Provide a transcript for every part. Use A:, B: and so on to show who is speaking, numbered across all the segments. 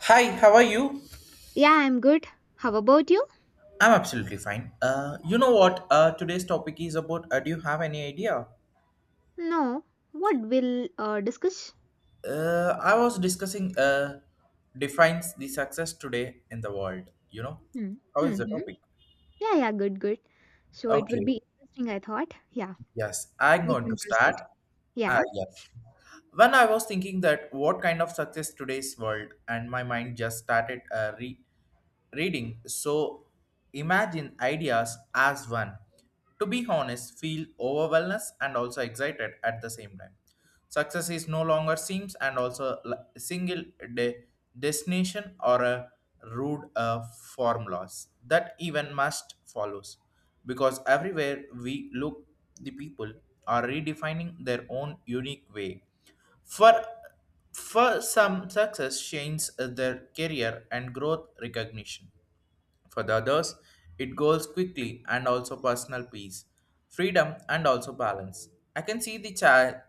A: Hi, how are you?
B: Yeah, I'm good. How about you?
A: I'm absolutely fine. You know what? Today's topic is about. Do you have any idea?
B: No. What will discuss?
A: I was discussing. Defines the success today in the world. You know,
B: Hmm.
A: how is
B: Hmm.
A: the
B: hmm.
A: topic?
B: Yeah, yeah, good, good. So it will
A: Okay.
B: be interesting, I thought. Yeah,
A: Yes, I'm
B: we
A: going to
B: can
A: start.
B: proceed.
A: Ah,
B: Yeah,
A: yes. When I was thinking that what kind of success today's world, and my mind just started re reading, so imagine ideas as one, to be honest, feel overwhelmed and also excited at the same time. Success is no longer seems and also single de- destination or a rude formulas that even must follows, because everywhere we look the people are redefining their own unique way. For for some success changes their career and growth recognition. For the others, it goes quickly and also personal peace, freedom, and also balance. I can see the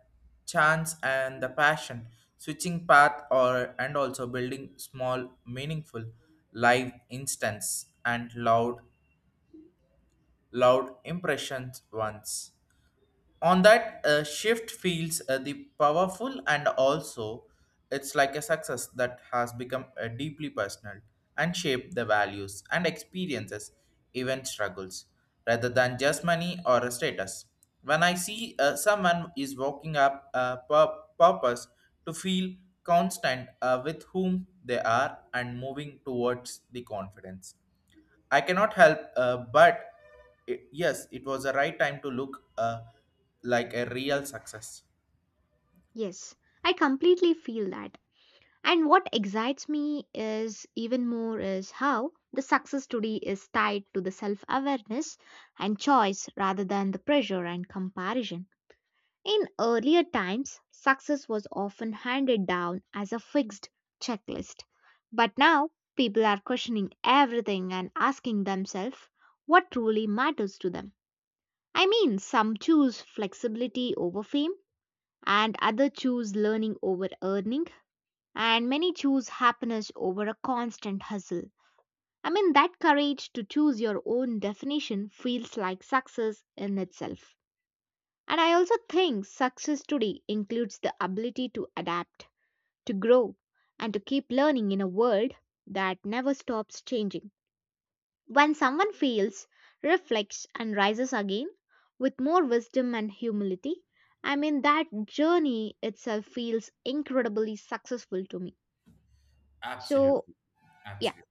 A: chance and the passion switching path or and also building small meaningful live instance and loud impressions once. On that shift feels the powerful, and also it's like a success that has become deeply personal and shaped the values and experiences, even struggles, rather than just money or a status. When I see someone is walking up a purpose to feel constant with whom they are and moving towards the confidence, I cannot help, but it, yes, it was the right time to look like a real success.
B: yes. I completely feel that. And what excites me is even more is how the success today is tied to the self awareness and choice rather than the pressure and comparison. In earlier times, success was often handed down as a fixed checklist. But now, people are questioning everything and asking themselves what truly matters to them. I mean, some choose flexibility over fame, and others choose learning over earning, and many choose happiness over a constant hustle. I mean, that courage to choose your own definition feels like success in itself. And I also think success today includes the ability to adapt, to grow, and to keep learning in a world that never stops changing. When someone fails, reflects, and rises again with more wisdom and humility, I mean, that journey itself feels incredibly successful to me. So,
A: Absolutely.
B: yeah,
A: Absolutely.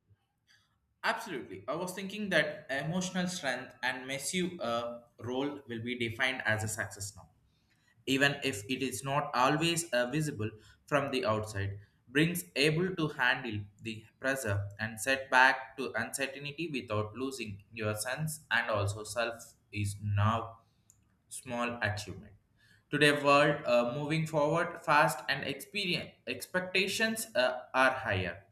A: Absolutely. I was thinking that emotional strength and massive role will be defined as a success now. Even if it is not always visible from the outside, brings able to handle the pressure and setback to uncertainty without losing your sense and also self is now small achievement. Today world moving forward fast, and experience expectations are higher.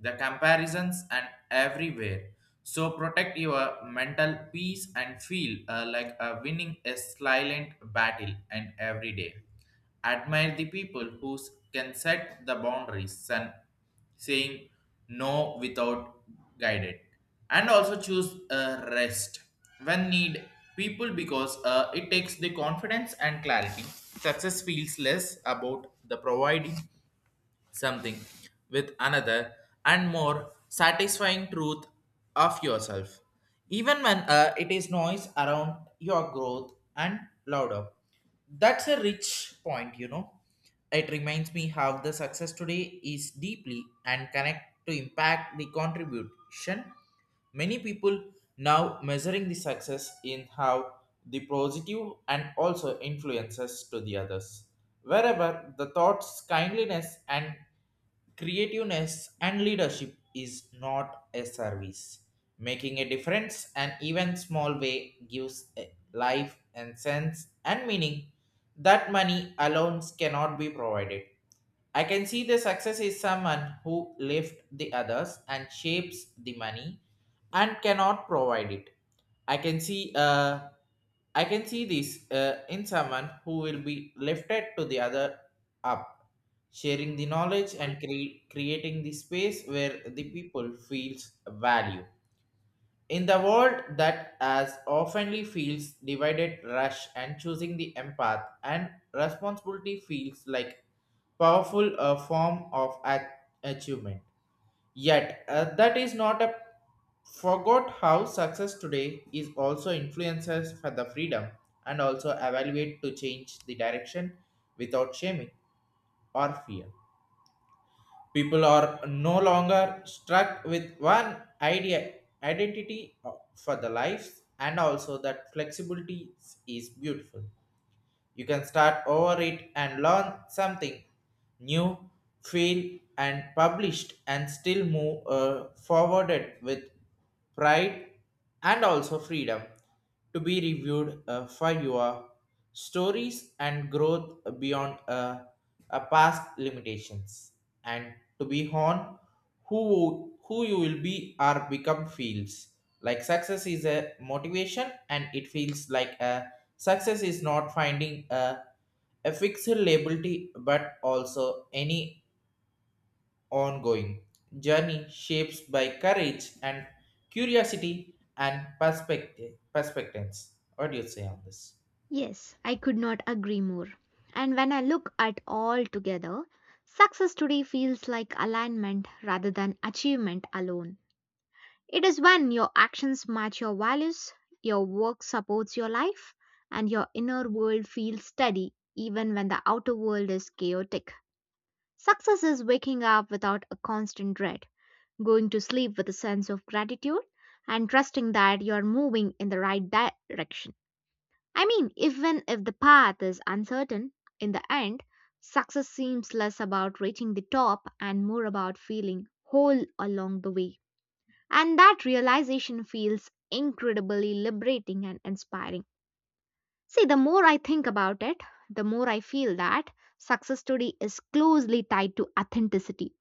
A: The comparisons and everywhere. So protect your mental peace and feel like winning a silent battle and every day. Admire the people who can set the boundaries and saying no without guided and also choose rest when need people, because it takes the confidence and clarity. Success feels less about the providing something with another and more satisfying truth of yourself, even when it is noise around your growth and louder. That's a rich point. It reminds me how the success today is deeply and connect to impact the contribution. Many people now measuring the success in how the positive and also influences to the others. Wherever the thoughts, kindliness, and creativeness and leadership is not a service. Making a difference and even small way gives a life and sense and meaning that money alone cannot be provided. I can see the success is someone who lifts the others and shapes the money and cannot provide it. I can see uh, I can see this in someone who will be lifted to the other up, sharing the knowledge and creating the space where the people feels value. In the world that as oftenly feels divided, rush and choosing the empath and responsibility feels like powerful form of achievement. Yet that is not a forgot how success today is also influences for the freedom and also evaluate to change the direction without shaming or fear. People are no longer stuck with one idea identity for the life, and also that flexibility is beautiful. You can start over it and learn something new, feel and published and still move forwarded with pride and also freedom to be reviewed for your stories and growth beyond past limitations, and to be on who you will be or become feels like success is a motivation, and it feels like a. Success is not finding a fixed liability but also any ongoing journey shaped by courage and curiosity and perspectives. What do you say on this?
B: yes, I could not agree more. And when I look at all together, success today feels like alignment rather than achievement alone. It is when your actions match your values, your work supports your life, and your inner world feels steady even when the outer world is chaotic. Success is waking up without a constant dread, going to sleep with a sense of gratitude, and trusting that you're moving in the right direction. I mean, even if the path is uncertain, in the end, success seems less about reaching the top and more about feeling whole along the way. And that realization feels incredibly liberating and inspiring. See, the more I think about it, the more I feel that success today is closely tied to authenticity.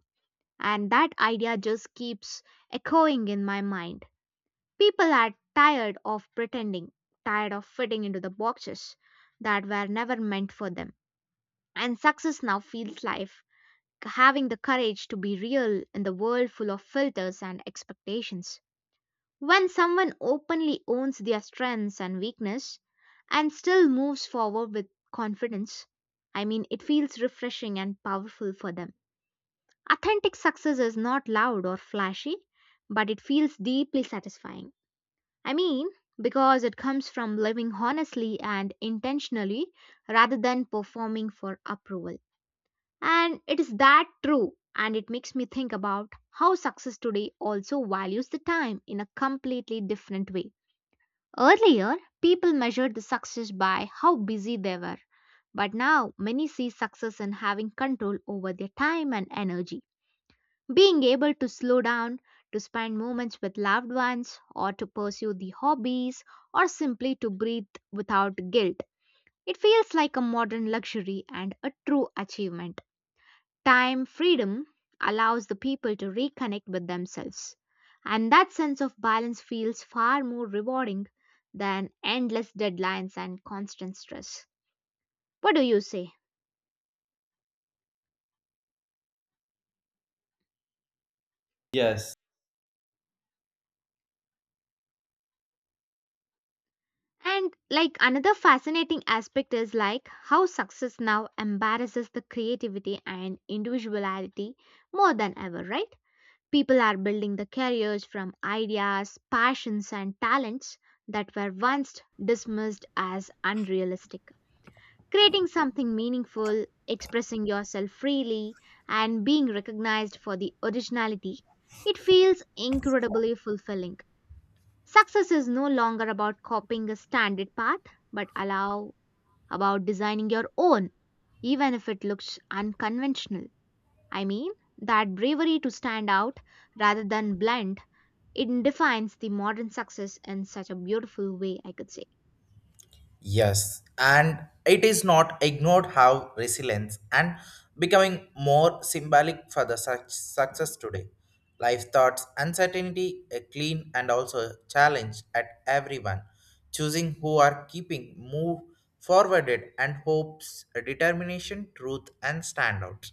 B: And that idea just keeps echoing in my mind. People are tired of pretending, tired of fitting into the boxes that were never meant for them. And success now feels like having the courage to be real in the world full of filters and expectations. When someone openly owns their strengths and weakness and still moves forward with confidence, I mean it feels refreshing and powerful for them. Authentic success is not loud or flashy, but it feels deeply satisfying. I mean, because it comes from living honestly and intentionally rather than performing for approval. And it is that true, and it makes me think about how success today also values the time in a completely different way. Earlier, people measured the success by how busy they were, but now many see success in having control over their time and energy. Being able to slow down, to spend moments with loved ones, or to pursue the hobbies, or simply to breathe without guilt. It feels like a modern luxury and a true achievement. Time freedom allows the people to reconnect with themselves, and that sense of balance feels far more rewarding than endless deadlines and constant stress. What do you say?
A: Yes.
B: And like another fascinating aspect is like how success now embarrasses the creativity and individuality more than ever, right? People are building the careers from ideas, passions, and talents that were once dismissed as unrealistic. Creating something meaningful, expressing yourself freely, and being recognized for the originality, it feels incredibly fulfilling. Success is no longer about copying a standard path, but allow about designing your own, even if it looks unconventional. I mean, that bravery to stand out rather than blend, it defines the modern success in such a beautiful way, I could say.
A: Yes, and it is not ignored how resilience and becoming more symbolic for the such success today. Life thoughts, uncertainty, a clean and also a challenge at everyone, choosing who are keeping move forwarded and hopes, a determination, truth and standouts.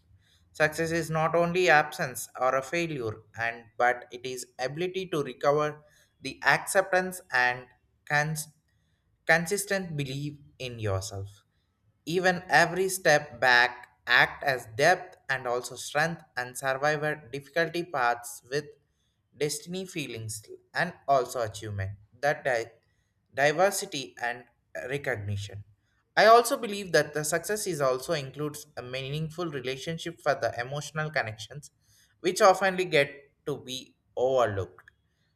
A: Success is not only absence or a failure, and but it is ability to recover the acceptance and cons- consistent belief in yourself. Even every step back act as depth and also strength and survival difficulty paths with destiny feelings and also achievement that diversity and recognition. I also believe that the success is also includes a meaningful relationship for the emotional connections, which often get to be overlooked.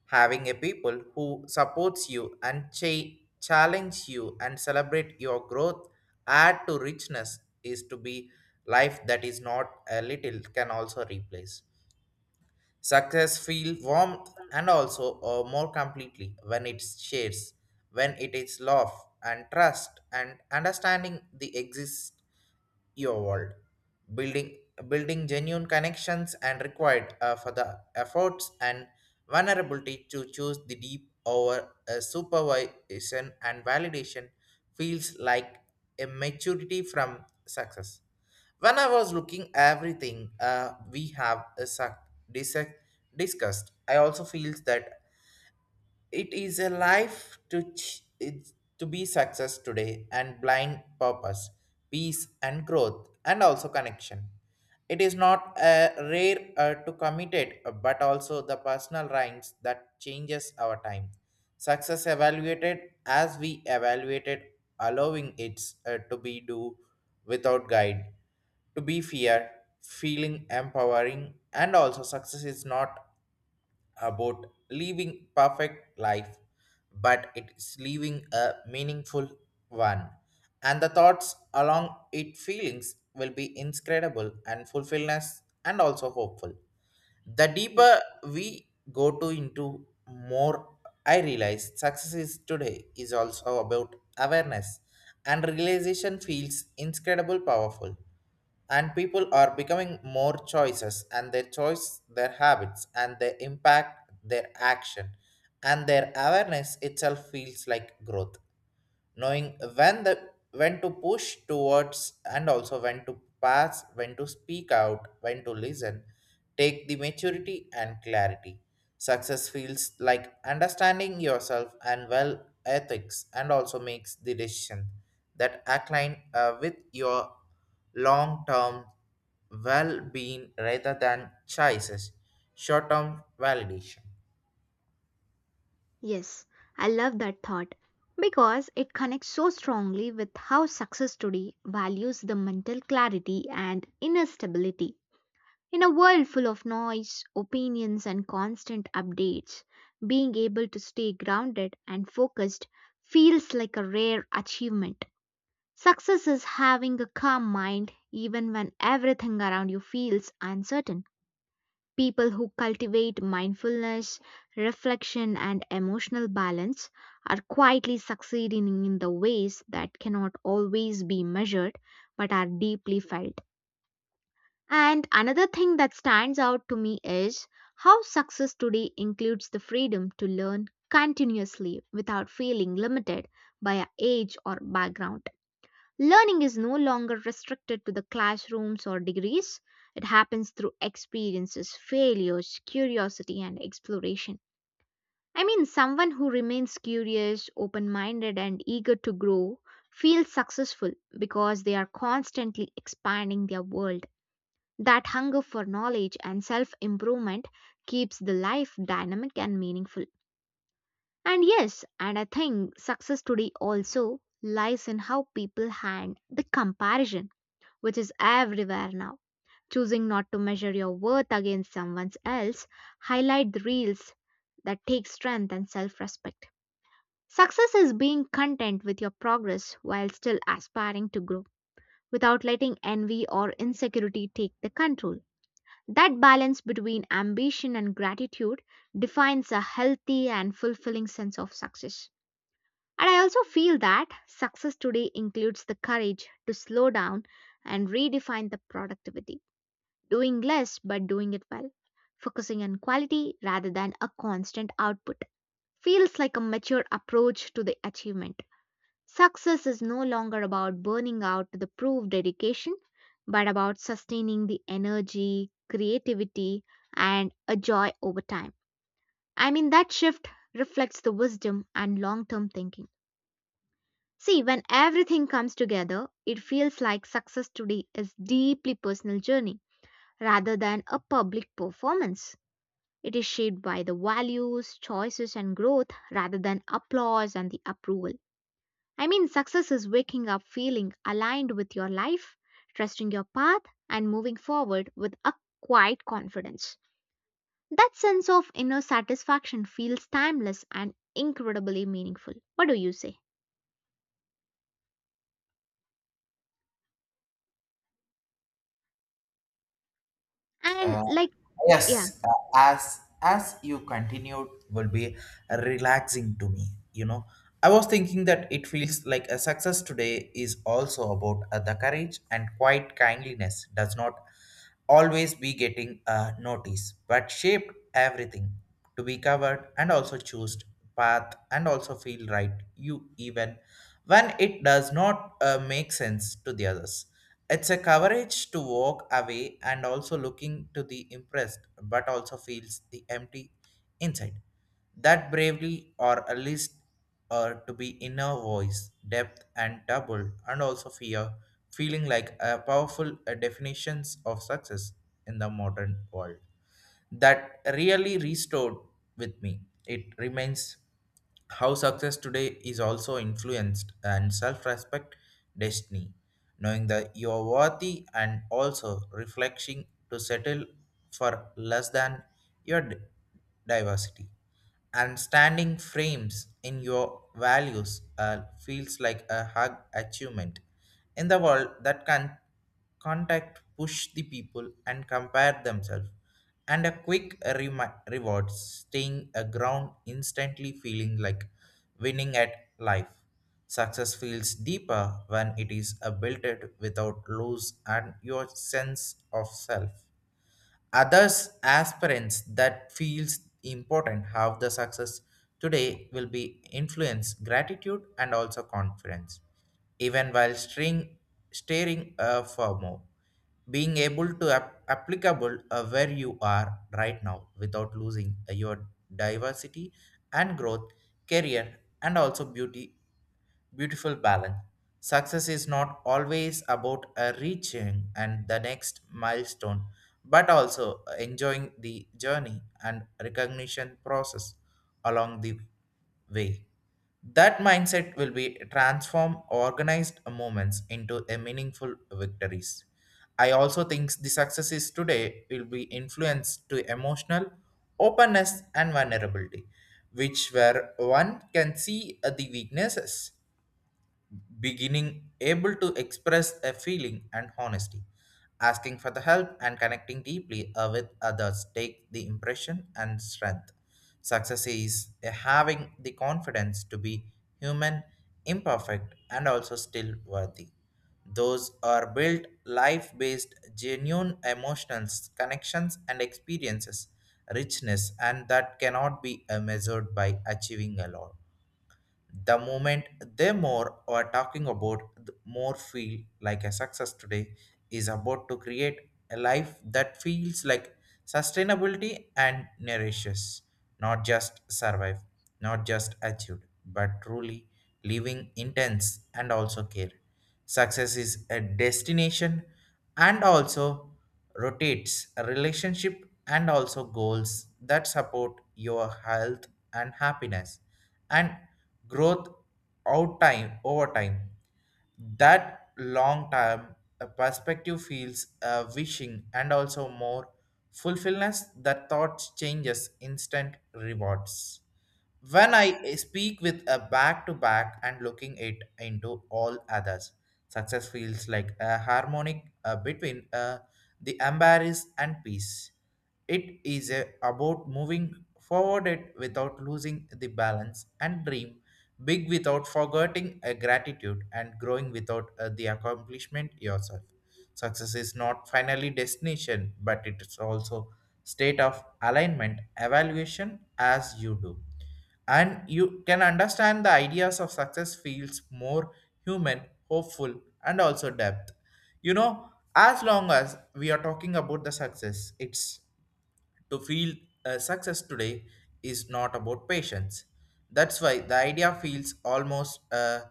A: Having a people who supports you and challenge you and celebrate your growth add to richness is to be life that is not a little can also replace. Success feel warmth and also more completely when it shares, when it is love and trust and understanding the exist your world, building building genuine connections and required for the efforts and vulnerability to choose the deep over supervision and validation feels like a maturity from success. When I was looking everything we have dis- discussed, I also feels that it is a life to be success today and blind purpose, peace and growth and also connection. It is not a rare to committed, but also the personal rhymes that changes our time. Success evaluated as we evaluated, allowing it to be do without guide to be fear, feeling empowering, and also success is not about living perfect life, but it's living a meaningful one, and the thoughts along it feelings will be inscrutable and fulfillness and also hopeful. The deeper we go to into more, I realize success is today is also about awareness, and realization feels incredible powerful, and people are becoming more choices and their choice, their habits and their impact, their action, and their awareness itself feels like growth, knowing when to push towards and also when to pass, when to speak out, when to listen. Take the maturity and clarity. Success feels like understanding yourself and well ethics and also makes the decision that align with your long-term well-being rather than choices, short-term validation.
B: Yes, I love that thought because it connects so strongly with how success today values the mental clarity and inner stability. In a world full of noise, opinions, and constant updates, being able to stay grounded and focused feels like a rare achievement. Success is having a calm mind even when everything around you feels uncertain. People who cultivate mindfulness, reflection, and emotional balance are quietly succeeding in the ways that cannot always be measured but are deeply felt. And another thing that stands out to me is how success today includes the freedom to learn continuously without feeling limited by our age or background. Learning is no longer restricted to the classrooms or degrees. It happens through experiences, failures, curiosity, and exploration. I mean, someone who remains curious, open minded, and eager to grow feels successful because they are constantly expanding their world. That hunger for knowledge and self improvement keeps the life dynamic and meaningful. And yes, and I think success today also lies in how people handle the comparison which is everywhere now. Choosing not to measure your worth against someone else highlight the reels that take strength and self-respect. Success is being content with your progress while still aspiring to grow without letting envy or insecurity take the control. That balance between ambition and gratitude defines a healthy and fulfilling sense of success. And I also feel that success today includes the courage to slow down and redefine the productivity doing less but doing it well, focusing on quality rather than a constant output. Feels like a mature approach to the achievement. Success is no longer about burning out to the proof dedication, but about sustaining the energy, creativity, and a joy over time. I mean, that shift reflects the wisdom and long term thinking. See, when everything comes together, it feels like success today is deeply personal journey rather than a public performance. It is shaped by the values, choices, and growth rather than applause and the approval. I mean, success is waking up feeling aligned with your life, trusting your path, and moving forward with a quiet confidence. That sense of inner satisfaction feels timeless and incredibly meaningful. What do you say? And, like, yeah,
A: Yes, as you continued will be relaxing to me. I was thinking that it feels like a success today is also about the courage and quiet kindliness does not always be getting notice, but shaped everything to be covered and also choose path and also feel right. You, even when it does not make sense to the others. It's a courage to walk away and also looking to the impressed, but also feels the empty inside. That bravely or at least or to be inner voice, depth and double, and also fear, feeling like a powerful definitions of success in the modern world that really restored with me. It remains how success today is also influenced and self-respect destiny, knowing that you are worthy and also reflecting to settle for less than your diversity and standing frames in your values feels like a hug achievement in the world that can contact push the people and compare themselves, and a quick reward staying a ground instantly feeling like winning at life. Success feels deeper when it is a built it without lose and your sense of self, others aspirants that feels important how the success today will be influence gratitude and also confidence even while string, staring for more. Being able to applicable where you are right now without losing your diversity and growth, career, and also beauty beautiful balance. Success is not always about reaching and the next milestone, but also enjoying the journey and recognition process along the way. That mindset will be transform organized movements into a meaningful victories. I also think the successes today will be influenced to emotional openness and vulnerability, which where one can see the weaknesses beginning able to express a feeling and honesty asking for the help and connecting deeply with others take the impression and strength. Success is having the confidence to be human, imperfect, and also still worthy. Those are built life based genuine emotional connections and experiences richness, and that cannot be measured by achieving a lot the moment. They more are talking about, the more feel like a success today is about to create a life that feels like sustainability and nourishes, not just survive, not just achieved, but truly living intense and also care. Success is a destination and also rotates a relationship and also goals that support your health and happiness and growth out time over time. That long term perspective feels wishing and also more fulfillment, that thoughts changes instant rewards. When I
B: yes,
A: speak with a back to back and looking it into all others, success feels like a harmonic between the embarrass and peace. It is a, about moving forward it without losing the balance and dream big without forgetting a gratitude and growing without the accomplishment yourself. Success is not finally destination, but it is also state of alignment, evaluation as you do, and you can understand the ideas of success feels more human, hopeful, and also depth, you know, as long as we are talking about the success. It's to feel success today is not about patience. That's why the idea feels almost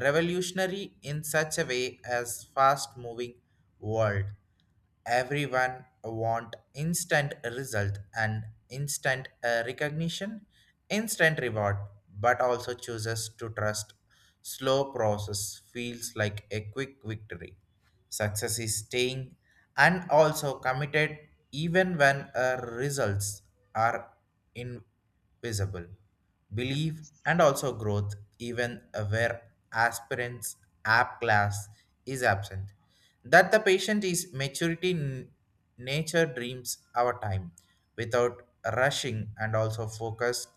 A: revolutionary in such a way as fast-moving world. Everyone want instant result and instant recognition, instant reward, but also chooses to trust slow process feels like a quick victory. Success is staying and also committed even when our results are invisible. Believe and also growth even where aspirants app class is absent. That the patient is maturity nature dreams our time without rushing and also focused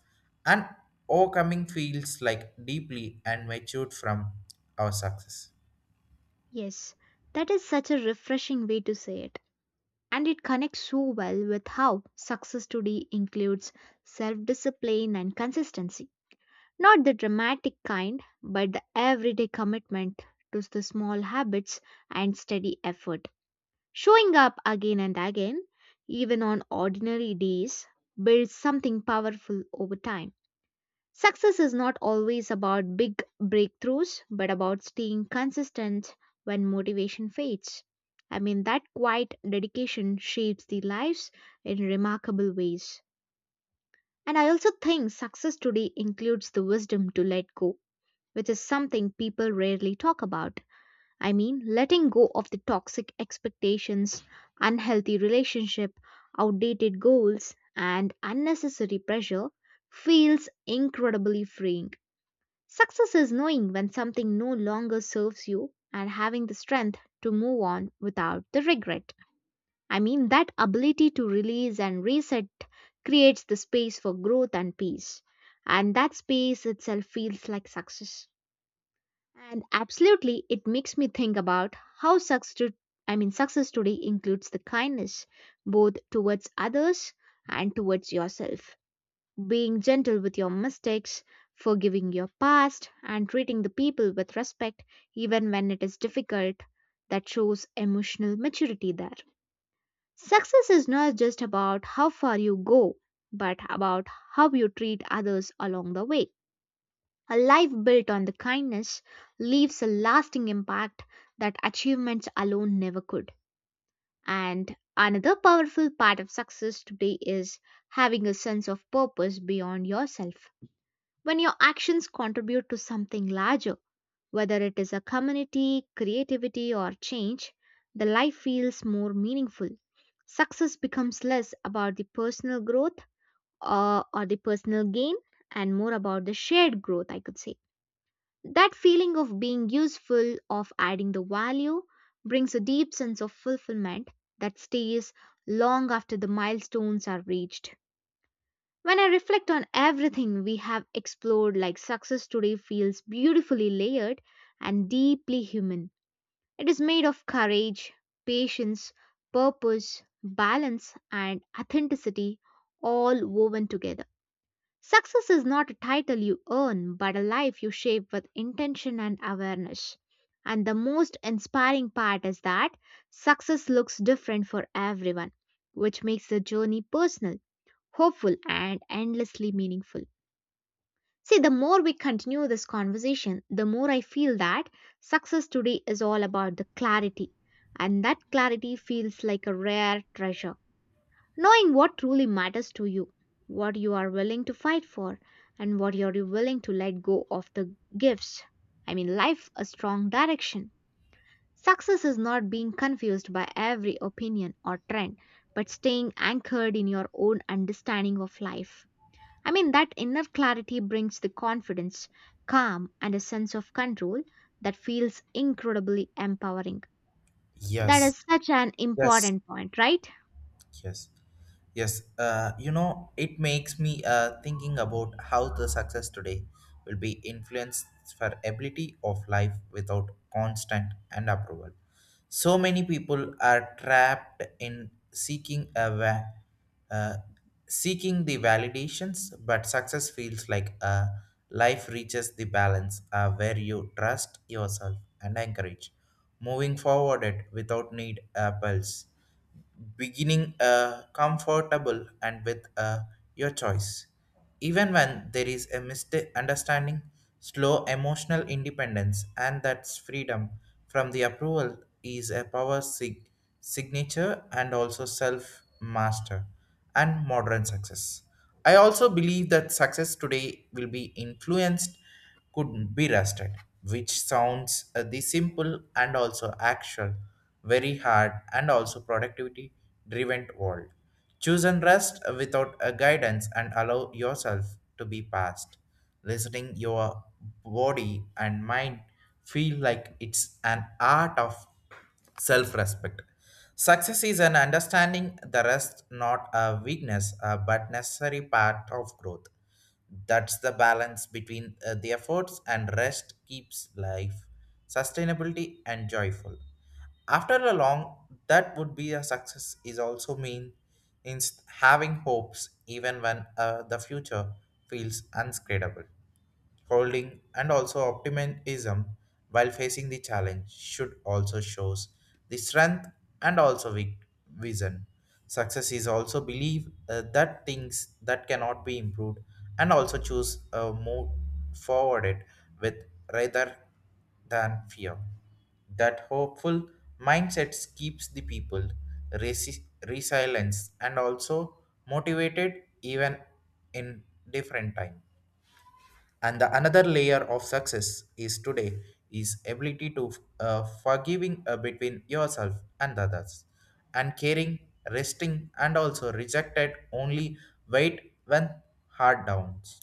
A: and overcoming feels like deeply and matured from our success.
B: yes. That is such a refreshing way to say it. And it connects so well with how success today includes self discipline and consistency. Not the dramatic kind, but the everyday commitment to the small habits and steady effort. Showing up again and again, even on ordinary days, builds something powerful over time. Success is not always about big breakthroughs, but about staying consistent when motivation fades. I mean, that quiet dedication shapes the lives in remarkable ways. And I also think success today includes the wisdom to let go, which is something people rarely talk about. I mean, letting go of the toxic expectations, unhealthy relationship, outdated goals, and unnecessary pressure feels incredibly freeing. Success is knowing when something no longer serves you and having the strength to move on without the regret. I mean, that ability to release and reset creates the space for growth and peace. And that space itself feels like success. And absolutely, it makes me think about how I mean, success today includes the kindness both towards others and towards yourself. Being gentle with your mistakes, forgiving your past, and treating the people with respect even when it is difficult, that shows emotional maturity there. Success is not just about how far you go, but about how you treat others along the way. A life built on the kindness leaves a lasting impact that achievements alone never could. And another powerful part of success today is having a sense of purpose beyond yourself. When your actions contribute to something larger, whether it is a community, creativity, or change, the life feels more meaningful. Success becomes less about the personal growth or the personal gain and more about the shared growth, I could say. That feeling of being useful, of adding the value, brings a deep sense of fulfillment that stays long after the milestones are reached. When I reflect on everything we have explored, like success today feels beautifully layered and deeply human. It is made of courage, patience, purpose, balance, and authenticity all woven together. Success is not a title you earn, but a life you shape with intention and awareness. And the most inspiring part is that success looks different for everyone, which makes the journey personal hopeful, and endlessly meaningful. See, the more we continue this conversation, the more I feel that success today is all about the clarity. And that clarity feels like a rare treasure. Knowing what truly matters to you, what you are willing to fight for, and what you're willing to let go of the gifts. I mean, life a strong direction. Success is not being confused by every opinion or trend, but staying anchored in your own understanding of life. I mean, that inner clarity brings the confidence, calm, and a sense of control that feels incredibly empowering. That
A: Yes.
B: is such an
A: Yes.
B: important point, right?
A: Yes. Yes. You know, it makes me thinking about how the success today will be influenced for ability of life without constant and approval. So many people are trapped in seeking uh, seeking the validations, but success feels like a life reaches the balance where you trust yourself and encourage moving forward it without need a pulse beginning comfortable and with your choice. Even when there is a mistake understanding, slow emotional independence and that's freedom from the approval is a signature and also self master and modern success. I also believe that success today will be influenced could be rusted, which sounds the simple and also actual, very hard and also productivity driven world. Choose and rest without a guidance and allow yourself to be passed. Listening your body and mind feel like it's an art of self respect. Success is an understanding the rest, not a weakness, but necessary part of growth. That's the balance between the efforts and rest keeps life sustainability and joyful. After a long, that would be a success is also mean in having hopes even when the future feels unscredible holding, and also optimism while facing the challenge should also shows the strength and also vision. Success is also believe that things that cannot be improved and also choose move forward it with rather than fear. That hopeful mindsets keeps the people resilient and also motivated even in different time. And the another layer of success is today is ability to forgiving between yourself and others, and caring, resting, and also rejected only wait when hard downs.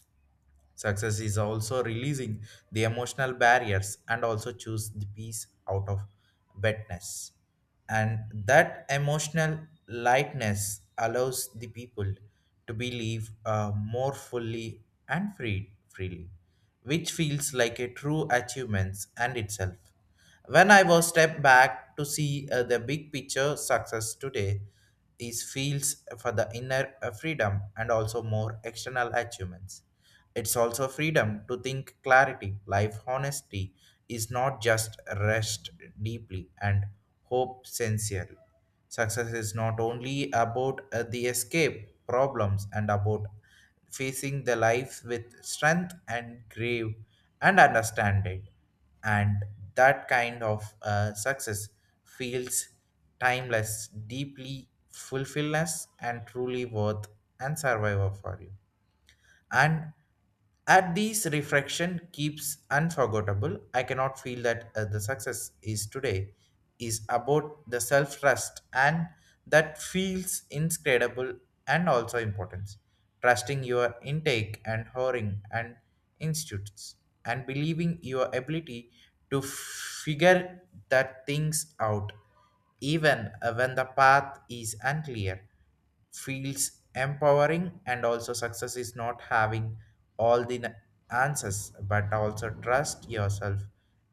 A: Success is also releasing the emotional barriers and also choose the peace out of bedness. And that emotional lightness allows the people to believe more fully and freely, which feels like a true achievement and itself. When I was stepped back to see the big picture, success today is feels for the inner freedom and also more external achievements. It's also freedom to think clarity. Life honesty is not just rest deeply and hope sincerely. Success is not only about the escape problems and about facing the life with strength and grave and understand it. And that kind of success feels timeless, deeply fulfillness and truly worth and survival for you. And at these reflection keeps unforgettable, I cannot feel that the success is today is about the self trust, and that feels inscredible and also importance, trusting your intake and hiring and institutes and believing your ability to figure that things out even when the path is unclear feels empowering. And also, success is not having all the answers, but also trust yourself,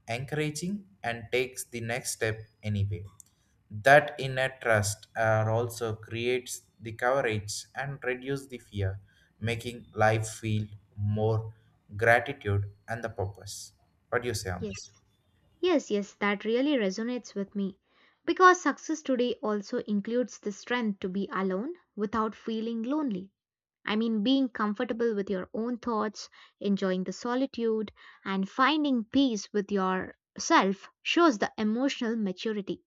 A: encouraging, and takes the next step anyway. That inner trust also creates the courage and reduce the fear, making life feel more gratitude and the purpose. What do you say on
B: Yes.
A: this?
B: Yes, yes, that really resonates with me. Because success today also includes the strength to be alone without feeling lonely. I mean, being comfortable with your own thoughts, enjoying the solitude, and finding peace with yourself shows the emotional maturity.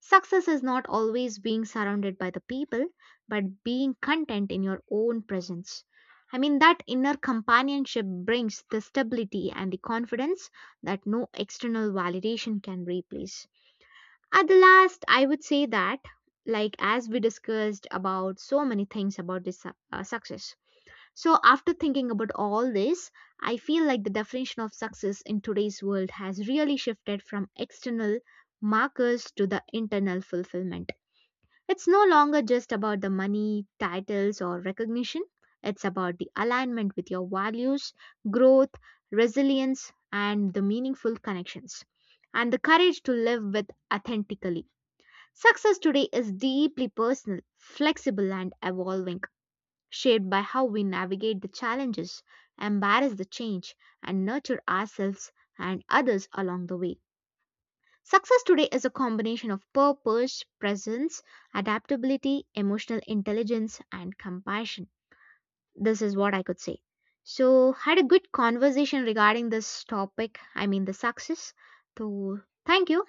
B: Success is not always being surrounded by the people, but being content in your own presence. I mean, that inner companionship brings the stability and the confidence that no external validation can replace. At the last, I would say that, like as we discussed about so many things about success, so, after thinking about all this, I feel like the definition of success in today's world has really shifted from external markers to the internal fulfillment. It's no longer just about the money, titles, or recognition, it's about the alignment with your values, growth, resilience, and the meaningful connections, and the courage to live with authentically. Success today is deeply personal, flexible, and evolving shaped by how we navigate the challenges, embrace the change, and nurture ourselves and others along the way. Success today is a combination of purpose, presence, adaptability, emotional intelligence, and compassion. This is what I could say. So, had a good conversation regarding this topic, I mean the success. So, thank you.